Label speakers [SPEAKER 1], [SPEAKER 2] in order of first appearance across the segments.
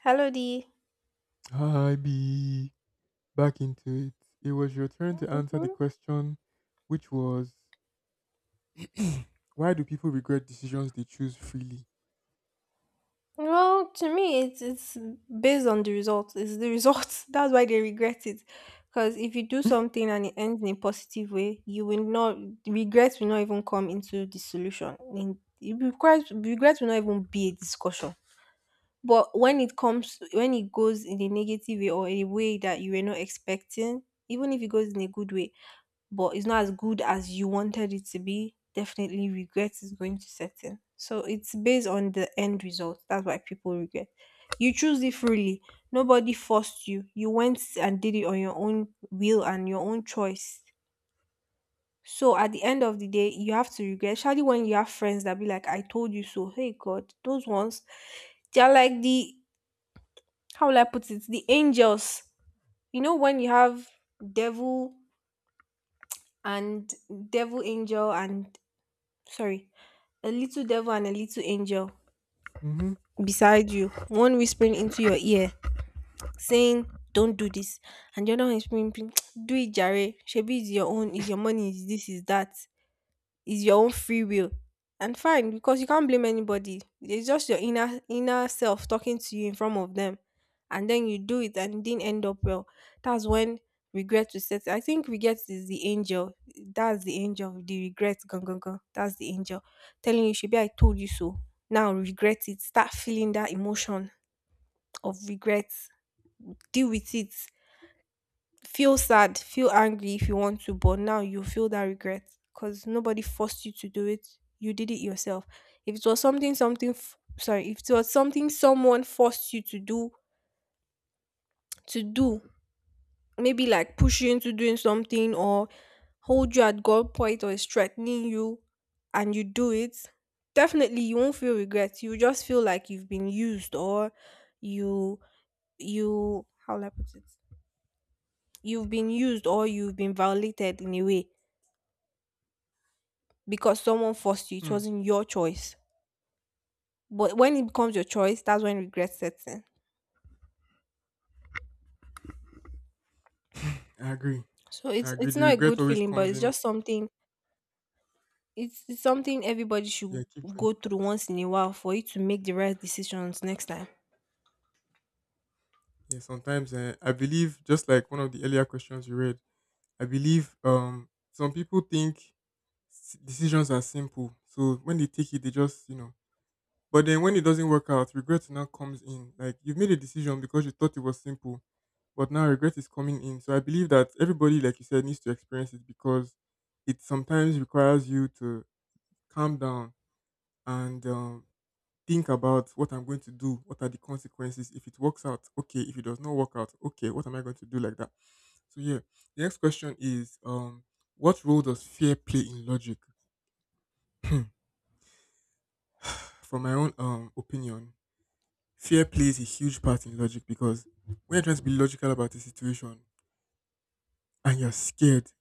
[SPEAKER 1] Hello, D.
[SPEAKER 2] Hi, B. Back into it. It was your turn to answer the
[SPEAKER 1] hmm
[SPEAKER 2] question, which was why do people regret decisions they choose freely?
[SPEAKER 1] Well, to me, it's based on the results. It's the results. That's why they regret it. Because if you do something and it ends in a positive way, you will not regret will not even come into the solution. In it requires regret will not even be a discussion. But when it comes, when it goes in a negative way or a way that you were not expecting, even if it goes in a good way, but it's not as good as you wanted it to be, definitely regret is going to set in. So it's based on the end result. That's why people regret. You choose it freely. Nobody forced you. You went and did it on your own will and your own choice. So at the end of the day, you have to regret. Especially when you have friends that be like, I told you so. Hey God, those ones, they're like the how will I put it? The angels. You know when you have devil and devil angel and sorry, a little devil and a little angel
[SPEAKER 2] Mm-hmm.
[SPEAKER 1] beside you, one whispering into your ear, saying, "Don't do this," and the other one whispering, "Do it, Jare. Shebi is your own, is your money, is this, is that is your own free will." And fine, because you can't blame anybody. It's just your inner self talking to you in front of them. And then you do it and it didn't end up well. That's when regret will set. I think regret is the angel. That's the angel. The regret, gone, gone, gone. That's the angel. Telling you, should be I told you so. Now regret it. Start feeling that emotion of regret. Deal with it, feel sad, feel angry if you want to, but now you feel that regret because nobody forced you to do it. You did it yourself. If it was if it was something someone forced you to do, to do, maybe like push you into doing something or hold you at gunpoint or is threatening you, and you do it, definitely you won't feel regret. You just feel like you've been used or you you how will I put it? You've been used or you've been violated in a way because someone forced you. It
[SPEAKER 2] Hmm.
[SPEAKER 1] wasn't your choice. But when it becomes your choice, that's when regret sets in.
[SPEAKER 2] I agree.
[SPEAKER 1] So
[SPEAKER 2] I
[SPEAKER 1] it's
[SPEAKER 2] agree.
[SPEAKER 1] it's
[SPEAKER 2] The
[SPEAKER 1] not a
[SPEAKER 2] regret
[SPEAKER 1] good
[SPEAKER 2] always
[SPEAKER 1] feeling, but
[SPEAKER 2] comes
[SPEAKER 1] it's
[SPEAKER 2] in.
[SPEAKER 1] just something. It's something everybody
[SPEAKER 2] Yeah,
[SPEAKER 1] should
[SPEAKER 2] keep going.
[SPEAKER 1] go through once in a while for you to make the right decisions next time.
[SPEAKER 2] Yeah, sometimes I believe, just like one of the earlier questions you read, I believe some people think decisions are simple. So when they take it, they just. But then when it doesn't work out, regret now comes in. Like you've made a decision because you thought it was simple, but now regret is coming in. So I believe that everybody, like you said, needs to experience it because it sometimes requires you to calm down and think about what I'm going to do. What are the consequences? If it works out, okay. If it does not work out, okay. What am I going to do like that? So yeah, the next question is, what role does fear play in logic? From my own opinion, fear plays a huge part in logic because when you're trying to be logical about a situation and you're scared,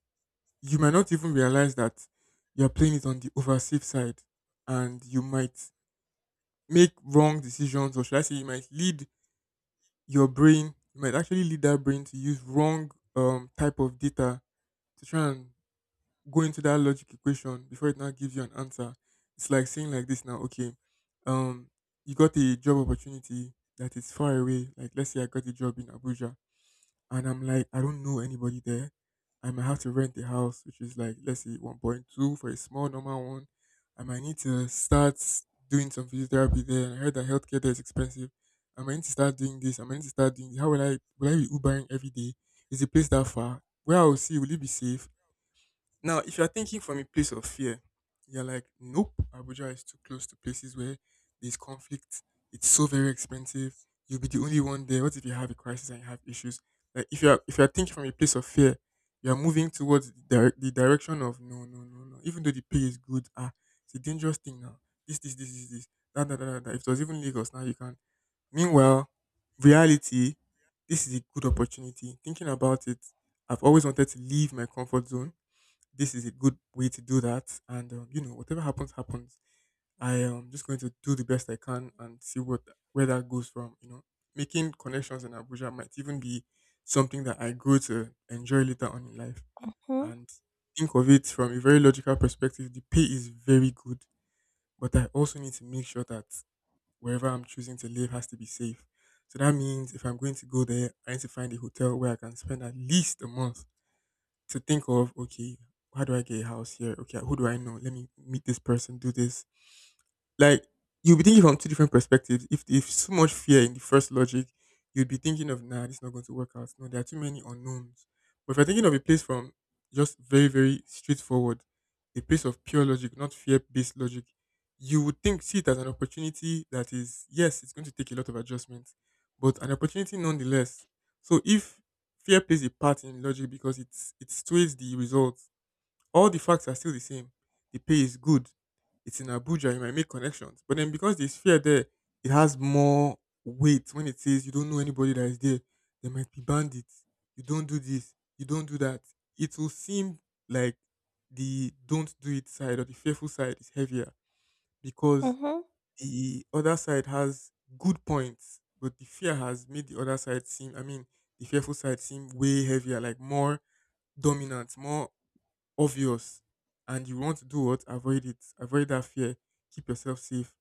[SPEAKER 2] you might not even realize that you're playing it on the over safe side and you might make wrong decisions, or should I say, you might lead your brain, you might actually lead that brain to use wrong type of data to try and go into that logic equation before it now gives you an answer. It's like saying like this now, okay, um, you got a job opportunity that is far away. Like let's say I got a job in Abuja. And I'm like, I don't know anybody there. I might have to rent a house, which is like, let's say 1.2 for a small normal one. I might need to start doing some physiotherapy there. And I heard that healthcare there is expensive. I might need to start doing this. I might need to start doing. How will I be Ubering every day? Is the place that far? Where I will see, will it be safe? Now, if you're thinking from a place of fear, you're like, nope, Abuja is too close to places where there's conflict. It's so very expensive. You'll be the only one there. What if you have a crisis and you have issues? Like, if you're thinking from a place of fear, you're moving towards the direction of no, no, no, no. Even though the pay is good, ah, it's a dangerous thing now. This, this, this, this, this. That, that, that, that, that. If it was even Lagos now, you can. Meanwhile, reality, this is a good opportunity. Thinking about it, I've always wanted to leave my comfort zone. This is a good way to do that. And whatever happens, happens. I am just going to do the best I can and see what where that goes from. You know, making connections in Abuja might even be something that I grow to enjoy later on in life.
[SPEAKER 1] Hmm.
[SPEAKER 2] And think of it from a very logical perspective. The pay is very good, but I also need to make sure that wherever I'm choosing to live has to be safe. So that means if I'm going to go there, I need to find a hotel where I can spend at least a month to think of, okay, how do I get a house here? Okay, who do I know? Let me meet this person, do this. Like, you'll be thinking from two different perspectives. If so much fear in the first logic, you'd be thinking of, nah, this is not going to work out. No, there are too many unknowns. But if you're thinking of a place from just very, very straightforward, a place of pure logic, not fear based logic, you would think, see it as an opportunity that is, yes, it's going to take a lot of adjustments, but an opportunity nonetheless. So if fear plays a part in logic because it sways the results, all the facts are still the same. The pay is good. It's in Abuja, you might make connections. But then because there's fear there, it has more weight when it says you don't know anybody that is there. There might be bandits. You don't do this. You don't do that. It will seem like the don't do it side or the fearful side is heavier because
[SPEAKER 1] Mhm.
[SPEAKER 2] the other side has good points, but the fear has made the other side seem, I mean, the fearful side seem way heavier, like more dominant, more obvious. And you want to do what? Avoid it. Avoid that fear. Keep yourself safe.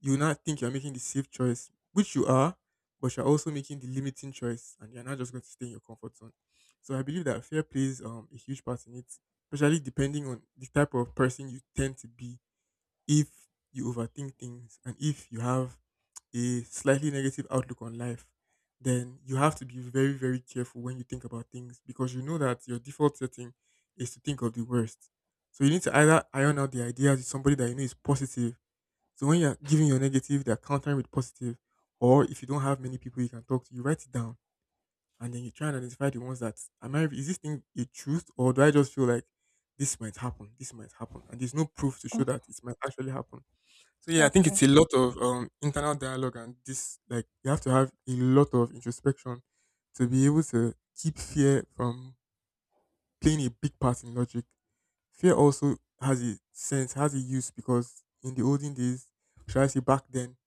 [SPEAKER 2] You will not think you're making the safe choice, which you are, but you're also making the limiting choice and you're not just going to stay in your comfort zone. So I believe that fear plays a huge part in it, especially depending on the type of person you tend to be. If you overthink things and if you have a slightly negative outlook on life, then you have to be very, very careful when you think about things because you know that your default setting is to think of the worst. So you need to either iron out the ideas with somebody that you know is positive. So when you're giving your negative, they're countering with positive. Or if you don't have many people you can talk to, you write it down and then you try and identify the ones that am I is this thing a truth, or do I just feel like this might happen, and there's no proof to show
[SPEAKER 1] Mm.
[SPEAKER 2] that it might actually happen. So yeah, I think it's a
[SPEAKER 1] Happen.
[SPEAKER 2] lot of internal dialogue, and this, like, you have to have a lot of introspection to be able to keep fear from playing a big part in logic. Fear also has a sense, has a use, because in the olden days, should I say back then,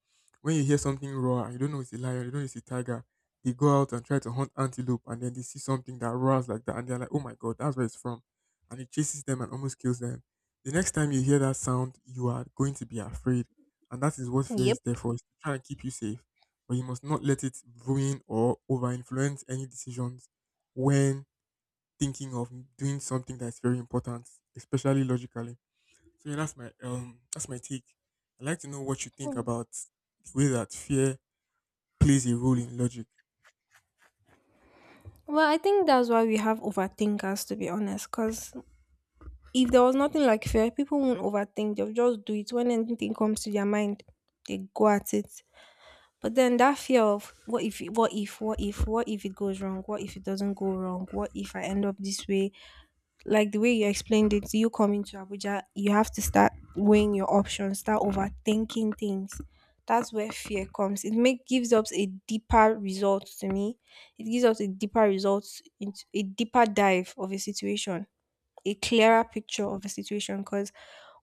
[SPEAKER 2] when you hear something roar and you don't know it's a lion, you don't know it's a tiger, they go out and try to hunt antelope and then they see something that roars like that and they're like, oh my god, that's where it's from. And it chases them and almost kills them. The next time you hear that sound, you are going to be afraid. And that is what fear
[SPEAKER 1] Yep.
[SPEAKER 2] is there for, is to try and keep you safe. But you must not let it ruin or over influence any decisions when thinking of doing something that's very important, especially logically. So yeah, that's my take. I'd like to know what you think
[SPEAKER 1] Mm.
[SPEAKER 2] about the way that fear plays a role in logic.
[SPEAKER 1] Well, I think that's why we have overthinkers, to be honest. Because if there was nothing like fear, people won't overthink. They'll just do it when anything comes to their mind. They go at it. But then that fear of what if, what if, what if, what if it goes wrong? What if it doesn't go wrong? What if I end up this way? Like the way you explained it, you coming to Abuja, you have to start weighing your options, start overthinking things. That's where fear comes. It make gives us a deeper result to me. It gives us a deeper result into a deeper dive of a situation, a
[SPEAKER 2] Hmm.
[SPEAKER 1] clearer picture of a situation because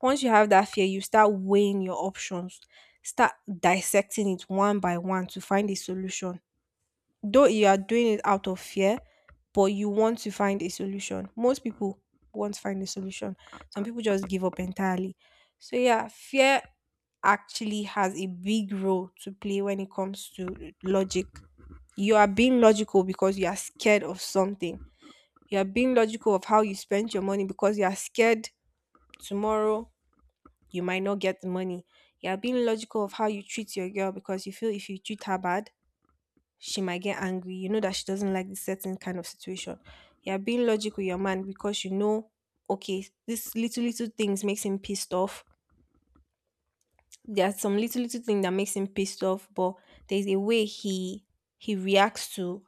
[SPEAKER 1] once you have that fear, you start weighing your options, start dissecting it one by one to find a solution. Though you are doing it out of fear, but you want to find a solution. Most people won't find a solution. Some people just give up entirely. So yeah, fear actually has a big role to play when it comes to logic. You are being logical because you are scared of something. You are being logical of how you spend your money because you are scared. Tomorrow, you might not get the money. You are being logical of how you treat your girl because you feel if you treat her bad, she might get angry. You know that she doesn't like this certain kind of situation. You are being logical with your man, because you know, okay, this little little things makes him pissed off. There's some little little thing that makes him pissed off, but there's a way he reacts to.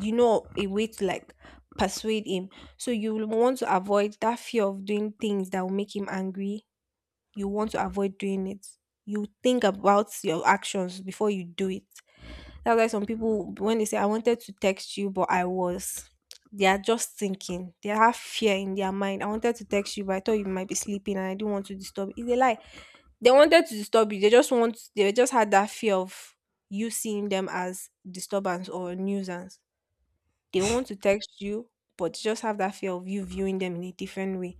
[SPEAKER 1] You know, a way to like persuade him. So you will want to avoid that fear of doing things that will make him angry, you want to avoid doing it. You think about your actions before you do it. That's why some people, when they say, "I wanted to text you, but I was," they are just thinking. They have fear in their mind. "I wanted to text you, but I thought you might be sleeping and I didn't want to disturb you." It's a lie. They wanted to disturb you. They just had that fear of you seeing them as disturbance or nuisance. They want to text you, but they just have that fear of you viewing them in a different way.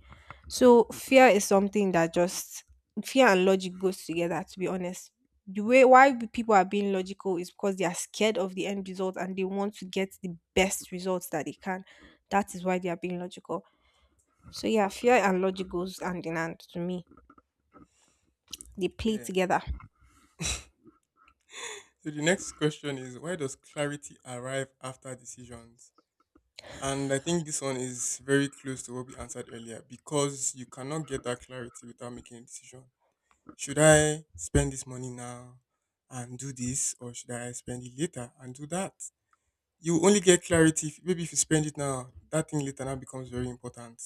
[SPEAKER 1] So fear is something that just fear and logic goes together. To be honest, the way people are being logical is because they are scared of the end result and they want to get the best results that they can. That is why they are being logical. So yeah, fear and logic goes hand in hand to me. They play
[SPEAKER 2] Yeah.
[SPEAKER 1] together.
[SPEAKER 2] So the next question is, why does clarity arrive after decisions? And I think this one is very close to what we answered earlier, because you cannot get that clarity without making a decision. Should I spend this money now and do this, or should I spend it later and do that? You only get clarity if, maybe if you spend it now, that thing later now becomes very important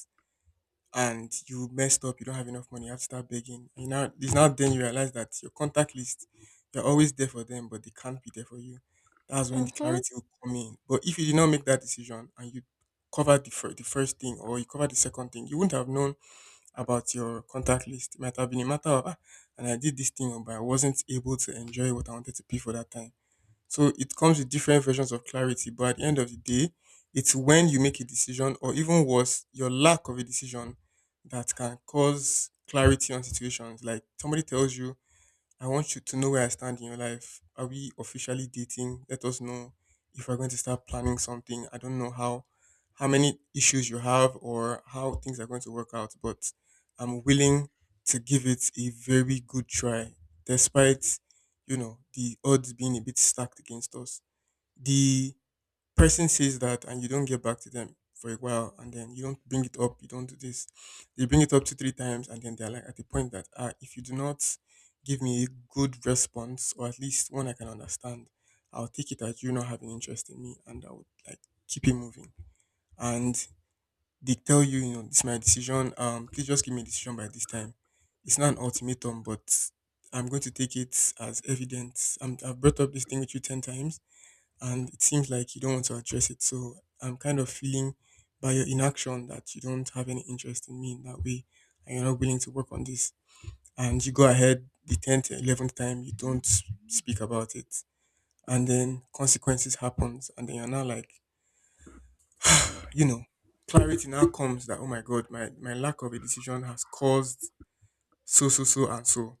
[SPEAKER 2] and you messed up. You don't have enough money, you have to start begging. It's now then you realize that your contact list, you're always there for them, but they can't be there for you. That's when the
[SPEAKER 1] Mhm.
[SPEAKER 2] clarity will come in. But if you did not make that decision and you covered the first thing, or you covered the second thing, you wouldn't have known about your contact list. It might have been a matter of, ah, and I did this thing but I wasn't able to enjoy what I wanted to pay for that time. So it comes with different versions of clarity, but at the end of the day, it's when you make a decision, or even worse, your lack of a decision, that can cause clarity on situations. Like, somebody tells you, I want you to know where I stand in your life. Are we officially dating? Let us know if we're going to start planning something. I don't know how many issues you have or how things are going to work out, but I'm willing to give it a very good try, despite the odds being a bit stacked against us. The person says that and you don't get back to them for a while, and then you don't bring it up, you don't do this. They bring it up two, three times and then they're like at the point that if you do not give me a good response or at least one I can understand, I'll take it that you're not having interest in me and I would like keep it moving. And they tell you, this is my decision. Please just give me a decision by this time. It's not an ultimatum, but I'm going to take it as evidence. I've brought up this thing with you 10 times and it seems like you don't want to address it. So I'm kind of feeling by your inaction that you don't have any interest in me in that way and you're not willing to work on this. And you go ahead the 10th, 11th time, you don't s- speak about it. And then consequences happens. And then you're now like, you know, clarity now comes that, oh my God, my lack of a decision has caused so, and so.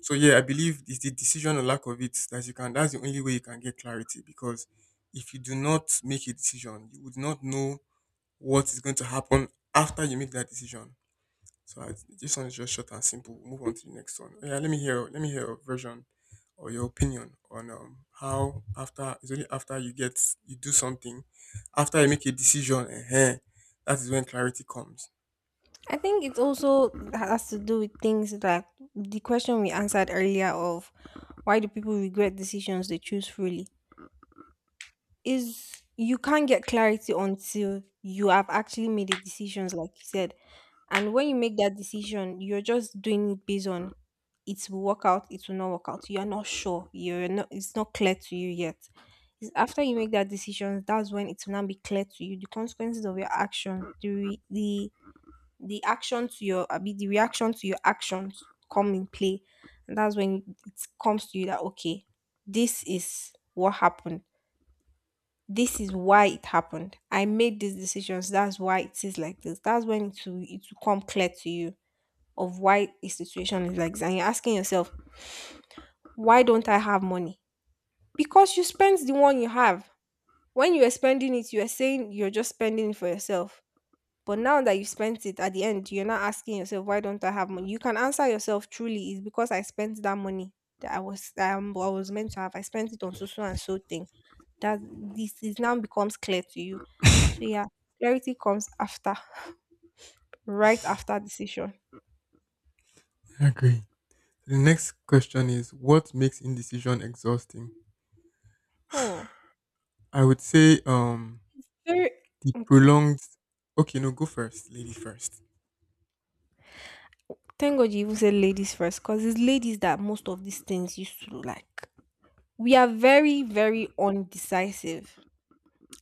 [SPEAKER 2] So yeah, I believe it's the decision or lack of it that you can. That's the only way you can get clarity because if you do not make a decision, you would not know what is going to happen after you make that decision. So I, this one is just short and simple. Move on to the next one. Oh, yeah, let me hear. Let me hear your version or your opinion on how after it's only after you get you do something, after you make a decision, that is when clarity comes.
[SPEAKER 1] I think it also has to do with things like the question we answered earlier of why do people regret decisions they choose freely is you can't get clarity until you have actually made the decisions like you said. And when you make that decision, you're just doing it based on it will work out, it will not work out. You're not sure. You're not it's not clear to you yet. It's after you make that decision, that's when it will now be clear to you the consequences of your action, the the action to your I mean, the reaction to your actions come in play, and that's when it comes to you that okay, this is what happened, this is why it happened, I made these decisions, that's why it is like this. That's when it will come clear to you of why a situation is like this, and you're asking yourself, why don't I have money? Because you spend the one you have. When you are spending it, you are saying you're just spending it for yourself. But now that you spent it at the end, you're not asking yourself, why don't I have money? You can answer yourself truly, it's because I spent that money that I was meant to have. I spent it on so so and so thing. That this is now becomes clear to you. So yeah, clarity comes after, right after decision.
[SPEAKER 2] I agree. The next question is what makes indecision exhausting?
[SPEAKER 1] Hmm.
[SPEAKER 2] I would say
[SPEAKER 1] Very
[SPEAKER 2] the
[SPEAKER 1] okay.
[SPEAKER 2] prolonged okay, no, go first. Lady first.
[SPEAKER 1] Thank God you even said ladies first, because it's ladies that most of these things used to like. We are very, very undecisive.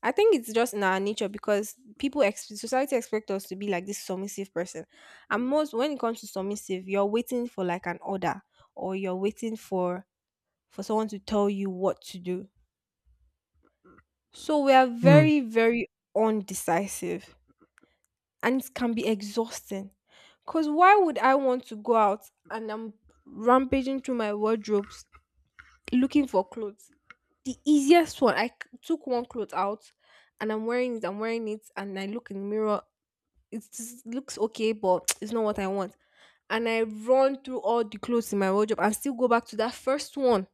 [SPEAKER 1] I think it's just in our nature because people society expect us to be like this submissive person, and most when it comes to submissive, you're waiting for like an order or you're waiting for someone to tell you what to do. So we are
[SPEAKER 2] Hmm.
[SPEAKER 1] very very undecisive, and it can be exhausting. Cause why would I want to go out and I'm rampaging through my wardrobes looking for clothes? The easiest one, took one clothes out and I'm wearing it, and I look in the mirror, it just looks okay, but it's not what I want. And I run through all the clothes in my wardrobe and still go back to that first one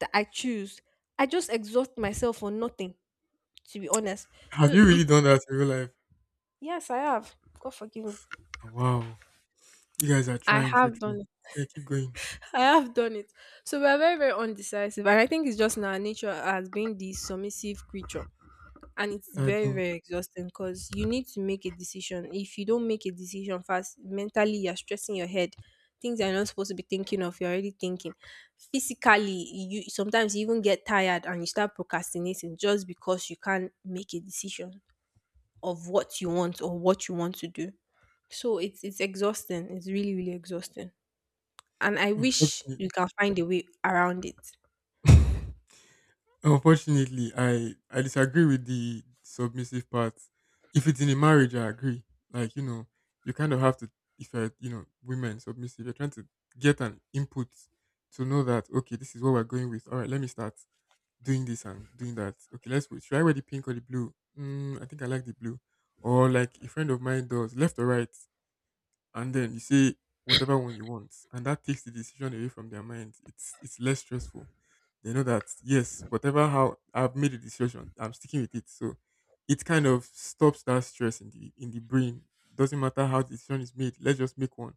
[SPEAKER 1] that I choose. I just exhaust myself for nothing, to be honest.
[SPEAKER 2] Have
[SPEAKER 1] So
[SPEAKER 2] you really
[SPEAKER 1] if
[SPEAKER 2] done that in real life?
[SPEAKER 1] yes, I have. God forgive me.
[SPEAKER 2] Oh, wow. You guys are
[SPEAKER 1] I
[SPEAKER 2] trying true
[SPEAKER 1] have
[SPEAKER 2] true.
[SPEAKER 1] done it.
[SPEAKER 2] Yeah, keep going.
[SPEAKER 1] I have done it. So we are very, very undecisive. And I think it's just in our nature as being the submissive creature. And it's
[SPEAKER 2] I
[SPEAKER 1] very
[SPEAKER 2] don't
[SPEAKER 1] very exhausting because you need to make a decision. If you don't make a decision fast, mentally you're stressing your head, things you're not supposed to be thinking of, you're already thinking. Physically, you sometimes you even get tired and you start procrastinating just because you can't make a decision of what you want or what you want to do. So it's exhausting, it's really really exhausting, and I wish
[SPEAKER 2] Unfortunately
[SPEAKER 1] you can find a way around it.
[SPEAKER 2] unfortunately I disagree with the submissive part. If it's in a marriage I agree. Like, you know, you kind of have to if you're you know, women submissive, you're trying to get an input to know that okay, this is what we're going with. All right, let me start doing this and doing that. Okay, let's wait. Should I wear the pink or the blue? Mm, I think I like the blue. Or like a friend of mine does, left or right, and then you say whatever one you want, and that takes the decision away from their mind. It's less stressful. They know that yes, whatever how I've made a decision, I'm sticking with it. So it kind of stops that stress in the brain. Doesn't matter how the decision is made. Let's just make one.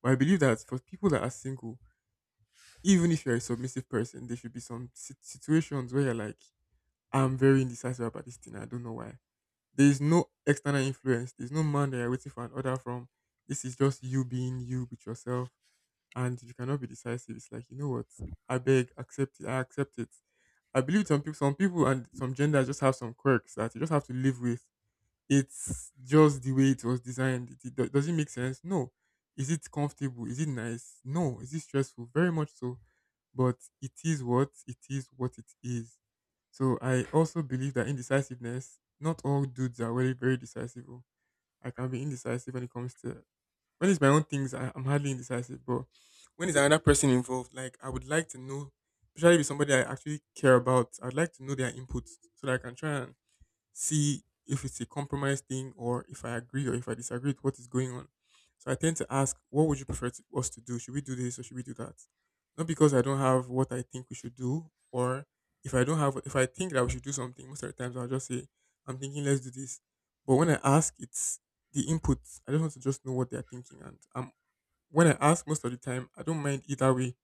[SPEAKER 2] But I believe that for people that are single, even if you're a submissive person, there should be some situations where you're like I'm very indecisive about this thing. I don't know why. There is no external influence. There's no man that you're waiting for an order from. This is just you being you with yourself. And you cannot be decisive. It's like, you know what? I beg, accept it. I accept it. I believe some people and some genders just have some quirks that you just have to live with. It's just the way it was designed. Does it make sense? No. Is it comfortable? Is it nice? No. Is it stressful? Very much so. But it is what it is. What it is so I also believe that indecisiveness, not all dudes are very, very decisive. Oh. I can be indecisive when it comes to when it's my own things, I'm hardly indecisive. But when it's another person involved, like I would like to know, especially with somebody I actually care about, I'd like to know their input so that I can try and see if it's a compromise thing or if I agree or if I disagree with what is going on. So I tend to ask, what would you prefer to, us to do? Should we do this or should we do that? Not because I don't have what I think we should do, or if I don't have, if I think that we should do something, most of the times I'll just say, I'm thinking, let's do this. But when I ask, it's the input. I just want to just know what they're thinking. And when I ask most of the time, I don't mind either way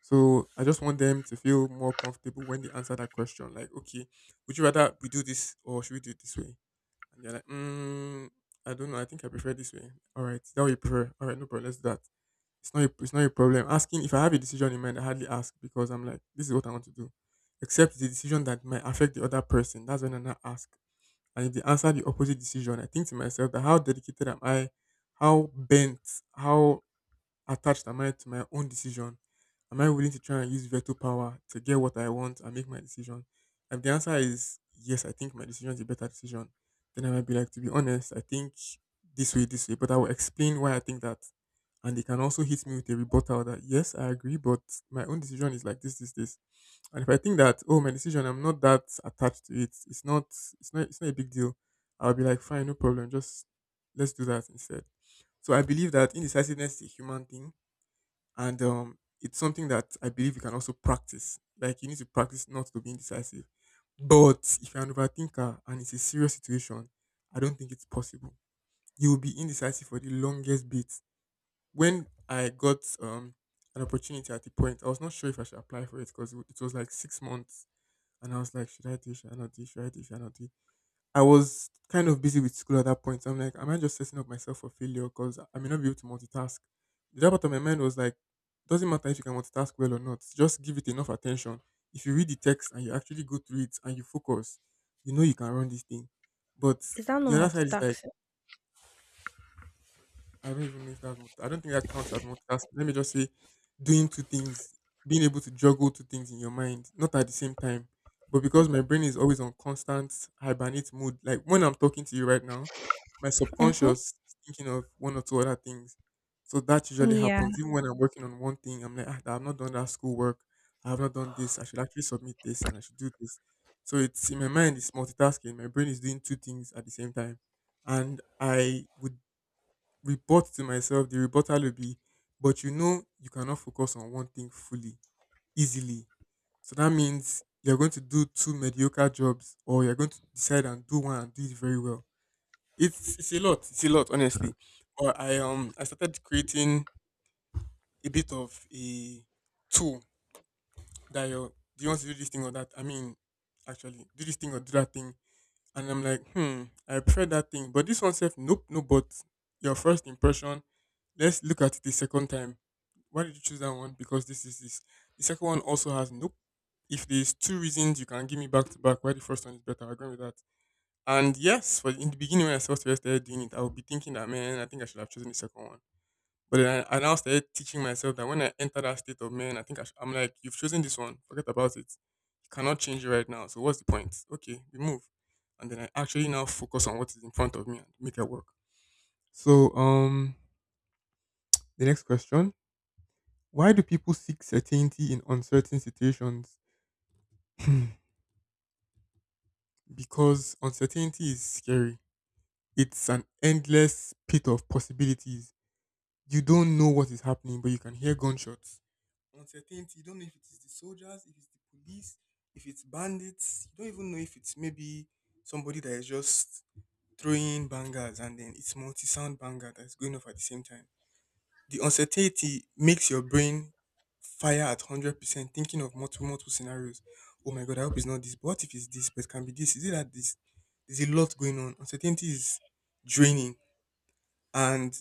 [SPEAKER 2] so I just want them to feel more comfortable when they answer that question. Like, okay, would you rather we do this or should we do it this way? And they're like, mm, I don't know. I think I prefer this way. All right, is that what you prefer. All right, no problem. Let's do that. It's not. A, it's not a problem. Asking if I have a decision in mind, I hardly ask because I'm like, this is what I want to do. Except the decision that might affect the other person. That's when I now ask. And if they answer the opposite decision, I think to myself that how dedicated am I? How bent? How attached am I to my own decision? Am I willing to try and use veto power to get what I want and make my decision? If the answer is yes, I think my decision is a better decision, then I might be like, to be honest, I think this way. But I will explain why I think that. And they can also hit me with a rebuttal that, yes, I agree, but my own decision is like this. And if I think that, oh, my decision, I'm not that attached to it. It's not a big deal. I'll be like, fine, no problem. Just let's do that instead. So I believe that indecisiveness is a human thing and it's something that I believe you can also practice. Like you need to practice not to be indecisive. But if you're an overthinker and it's a serious situation, I don't think it's possible. You will be indecisive for the longest bit. When I got an opportunity at the point, I was not sure if I should apply for it because it was like 6 months, and I was like, should I do? Should I not do? Should I do? Should I not do? I was kind of busy with school at that point. So I'm like, am I just setting up myself for failure? Because I may not be able to multitask. The other part of my mind was like, doesn't matter if you can multitask well or not. Just give it enough attention. If you read the text and you actually go through it and you focus, you know you can run this thing. But
[SPEAKER 1] Is that not
[SPEAKER 2] the other side is like,
[SPEAKER 1] multitasking?
[SPEAKER 2] I don't even know if that's I don't think that counts as multitasking. Let me just say doing two things, being able to juggle two things in your mind, not at the same time. But because my brain is always on constant hibernate mode, like when I'm talking to you right now, my
[SPEAKER 1] Mm-hmm.
[SPEAKER 2] subconscious is thinking of one or two other things. So that usually
[SPEAKER 1] Yeah,
[SPEAKER 2] happens. Even when I'm working on one thing, I'm like, ah, I've not done that schoolwork. I have not done this. I should actually submit this and I should do this. So it's in my mind, it's multitasking. My brain is doing two things at the same time and I would rebut to myself, the rebuttal will be, but you know you cannot focus on one thing fully, easily. So that means you're going to do two mediocre jobs or you're going to decide and do one and do it very well. It's a lot. It's a lot, honestly. But I started creating a bit of a tool that you're do you want to do this thing or that? I mean, actually, do this thing or do that thing. And I'm like, hmm, I prefer that thing. But this one said, nope, no, but your first impression let's look at it a second time. Why did you choose that one? Because this is this. The second one also has nope. If there's two reasons you can give me back to back, why the first one is better, I agree with that. And yes, for in the beginning when I first started doing it, I would be thinking that man, I think I should have chosen the second one. But then I now started teaching myself that when I enter that state of man, I think I sh- I'm like, you've chosen this one, forget about it. You cannot change it right now. So what's the point? Okay, we move. And then I actually now focus on what is in front of me and make it work. So the next question. Why do people seek certainty in uncertain situations? Because uncertainty is scary. It's an endless pit of possibilities. You don't know what is happening, but you can hear gunshots. Uncertainty, you don't know if it's the soldiers, if it's the police, if it's bandits. You don't even know if it's maybe somebody that is just throwing bangers and then it's multi sound banger that's going off at the same time. The uncertainty makes your brain fire at 100% thinking of multiple scenarios. Oh my God, I hope it's not this. But what if it's this? But it can be this. Is it that this? There's a lot going on. Uncertainty is draining. And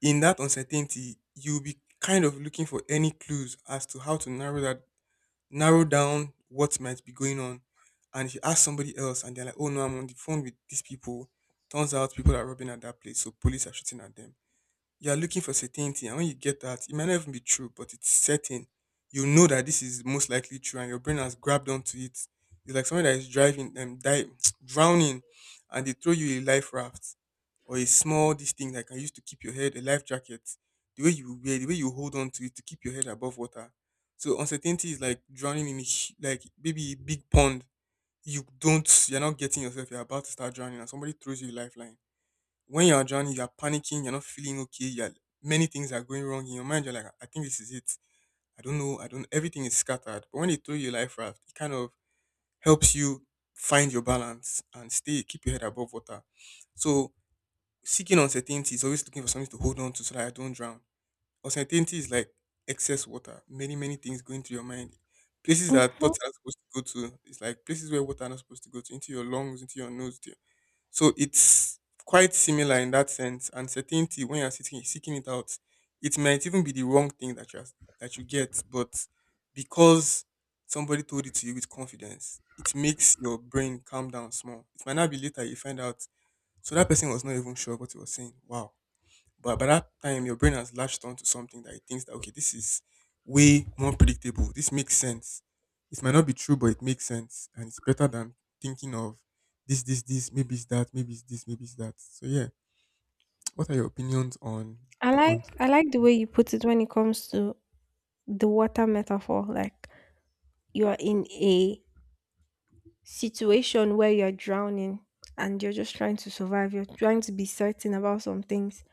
[SPEAKER 2] in that uncertainty, you'll be kind of looking for any clues as to how to narrow down what might be going on. And if you ask somebody else and they're like, oh no, I'm on the phone with these people, turns out people are robbing at that place. So police are shooting at them. You're looking for certainty, and when you get that, it might not even be true, but it's certain. You know that this is most likely true, and your brain has grabbed onto it. It's like someone that is driving, dive, drowning, and they throw you a life raft or a small this thing that can use to keep your head, a life jacket. The way you wear, the way you hold on to it to keep your head above water. So uncertainty is like drowning in like maybe a big pond. You're not getting yourself. You're about to start drowning, and somebody throws you a lifeline. When you're drowning, you're panicking, you're not feeling okay, you're, many things are going wrong in your mind, you're like, I think this is it. I don't know, I don't everything is scattered. But when they throw you a life raft, it kind of helps you find your balance and stay keep your head above water. So seeking uncertainty is always looking for something to hold on to so that I don't drown. Uncertainty is like excess water, many things going through your mind. Places that thoughts are not supposed to go to, it's like places where water are not supposed to go to, into your lungs, into your nose, to, so it's quite similar in that sense. And certainty, when you're seeking it out, it might even be the wrong thing that you get, but because somebody told it to you with confidence, it makes your brain calm down small. It might not be, later you find out. So that person was not even sure what he was saying. Wow. But by that time, your brain has latched onto something that it thinks that okay, this is way more predictable. This makes sense. It might not be true, but it makes sense, and it's better than thinking of this, this, this. Maybe it's that. Maybe it's this. Maybe it's that. So yeah, what are your opinions on the
[SPEAKER 1] I like the way you put it when it comes to the water metaphor. Like, you are in a situation where you're drowning and you're just trying to survive. You're trying to be certain about some things.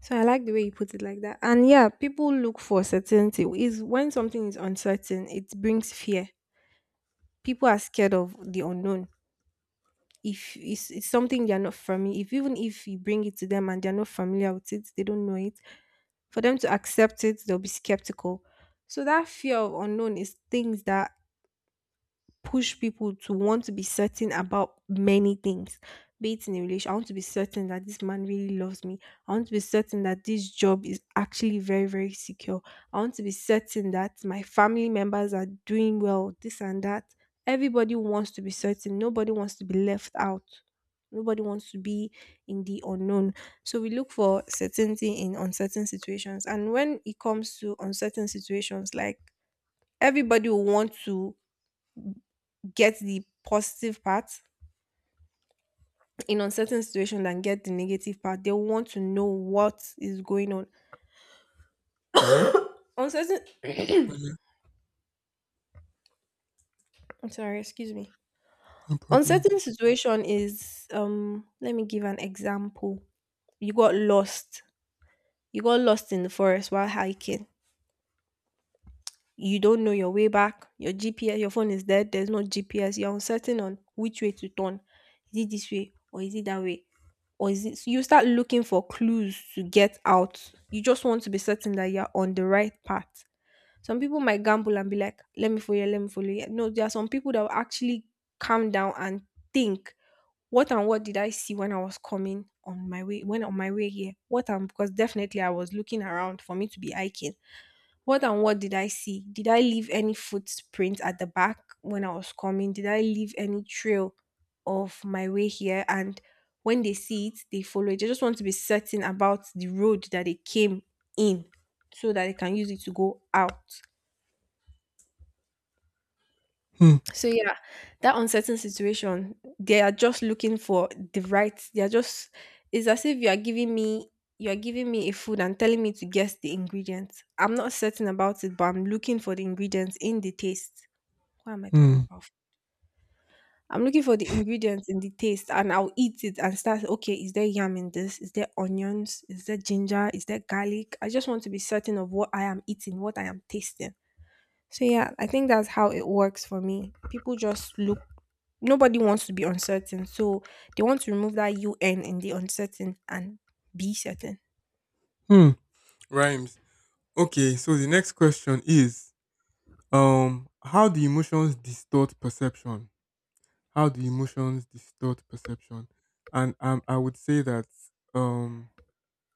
[SPEAKER 1] So I like the way you put it like that. And yeah, people look for certainty. Is when something is uncertain, it brings fear. People are scared of the unknown. If it's, it's something they're not familiar, if even if you bring it to them and they're not familiar with it, they don't know it. For them to accept it, they'll be skeptical. So that fear of unknown is things that push people to want to be certain about many things. Be it in a relation, I want to be certain that this man really loves me. I want to be certain that this job is actually very, very secure. I want to be certain that my family members are doing well, this and that. Everybody wants to be certain. Nobody wants to be left out. Nobody wants to be in the unknown. So we look for certainty in uncertain situations. And when it comes to uncertain situations, like everybody will want to get the positive part in uncertain situation than get the negative part. They want to know what is going on. Uncertain
[SPEAKER 2] entrepreneur?
[SPEAKER 1] I'm sorry, excuse me.
[SPEAKER 2] No problem.
[SPEAKER 1] Uncertain situation is let me give an example. You got lost. You got lost in the forest while hiking, you don't know your way back, your GPS, your phone is dead, there's no GPS, you're uncertain on which way to turn. Is it this way or is it that way? Or is it so you start looking for clues to get out? You just want to be certain that you're on the right path. Some people might gamble and be like, let me follow you, let me follow you. No, there are some people that will actually calm down and think, what and what did I see when I was coming on my way, when on my way here? What and because definitely I was looking around for me to be hiking, what and what did I see? Did I leave any footprint at the back when I was coming? Did I leave any trail of my way here? And when they see it, they follow it. They just want to be certain about the road that they came in so that they can use it to go out.
[SPEAKER 2] Hmm.
[SPEAKER 1] So yeah, that uncertain situation, they are just looking for the right. They are just it's as if you are giving me a food and telling me to guess the ingredients. I'm not certain about it, but I'm looking for the ingredients in the taste. What am I talking
[SPEAKER 2] Hmm.
[SPEAKER 1] about? I'm looking for the ingredients in the taste and I'll eat it and start, okay, is there yam in this? Is there onions? Is there ginger? Is there garlic? I just want to be certain of what I am eating, what I am tasting. So yeah, I think that's how it works for me. People just look nobody wants to be uncertain. So they want to remove that UN in the uncertain and be certain.
[SPEAKER 2] Hmm. Rhymes. Okay. So the next question is, how do emotions distort perception? How do emotions distort perception? And I would say that um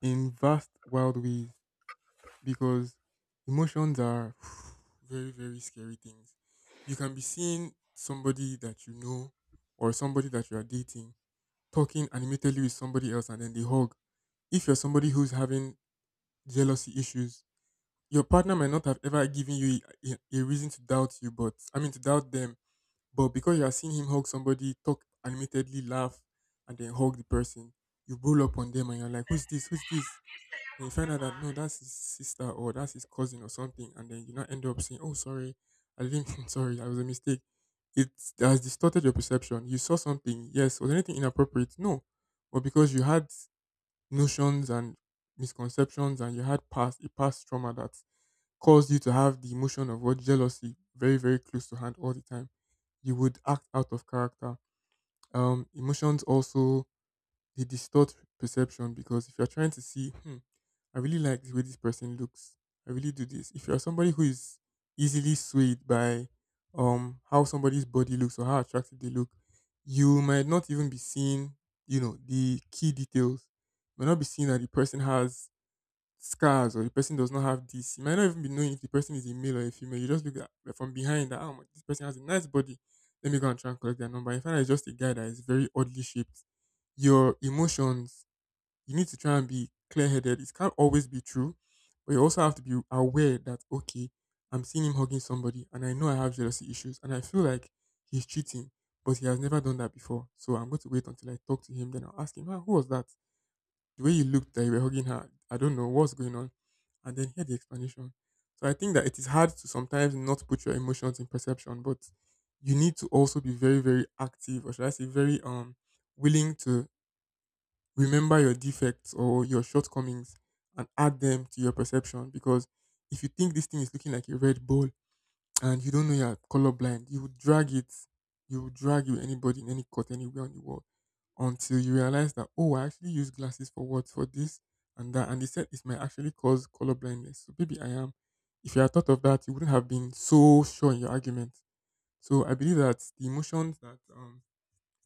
[SPEAKER 2] in vast, wild ways, because emotions are very scary things. You can be seeing somebody that you know or somebody that you are dating talking animatedly with somebody else and then they hug. If you're somebody who's having jealousy issues, your partner might not have ever given you a reason to doubt you, but I mean to doubt them. But because you are seeing him hug somebody, talk animatedly, laugh, and then hug the person, you roll up on them and you're like, "Who's this? Who's this?" And you find out that no, that's his sister or that's his cousin or something, and then you now end up saying, "Oh, sorry, I didn't. Mean- Sorry, I was a mistake." It has distorted your perception. You saw something, yes. Was anything inappropriate? No, but because you had notions and misconceptions, and you had past a past trauma that caused you to have the emotion of what, jealousy, very close to hand all the time, you would act out of character. Emotions also, they distort perception because if you're trying to see, hmm, I really like the way this person looks. I really do this. If you're somebody who is easily swayed by how somebody's body looks or how attractive they look, you might not even be seeing, you know, the key details. You might not be seeing that the person has scars or the person does not have this. You might not even be knowing if the person is a male or a female. You just look at like, from behind that, oh, this person has a nice body. Let me go and try and collect their number. If I, it's just a guy that is very oddly shaped, your emotions, you need to try and be clear headed. It can't always be true, but you also have to be aware that, okay, I'm seeing him hugging somebody and I know I have jealousy issues and I feel like he's cheating, but he has never done that before. So I'm going to wait until I talk to him. Then I'll ask him, ah, who was that? The way you looked that you were hugging her, I don't know what's going on. And then hear the explanation. So I think that it is hard to sometimes not put your emotions in perception, but you need to also be very active, or should I say, very willing to remember your defects or your shortcomings and add them to your perception. Because if you think this thing is looking like a red ball, and you don't know you're colorblind, you would drag it, you would drag with anybody in any court anywhere on the world until you realize that oh, I actually use glasses for what for this and that, and they said it might actually cause color blindness. So maybe I am. If you had thought of that, you wouldn't have been so sure in your argument. So I believe that the emotions that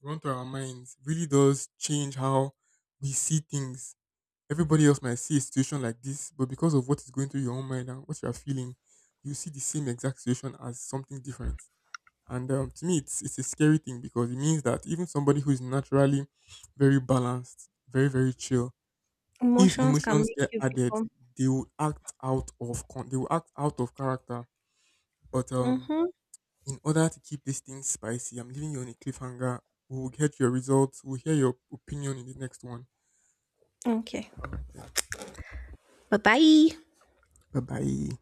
[SPEAKER 2] run through our minds really does change how we see things. Everybody else might see a situation like this, but because of what is going through your own mind and what you are feeling, you see the same exact situation as something different. And to me, it's a scary thing because it means that even somebody who is naturally very balanced, very chill, if
[SPEAKER 1] Emotions can
[SPEAKER 2] emotions
[SPEAKER 1] make
[SPEAKER 2] get
[SPEAKER 1] you
[SPEAKER 2] added,
[SPEAKER 1] become
[SPEAKER 2] they will act out of con- they will act out of character. But
[SPEAKER 1] mm-hmm.
[SPEAKER 2] in order to keep this thing spicy, I'm leaving you on a cliffhanger. We'll get your results. We'll hear your opinion in the next one.
[SPEAKER 1] Okay.
[SPEAKER 2] All right then.
[SPEAKER 1] Bye bye.
[SPEAKER 2] Bye bye.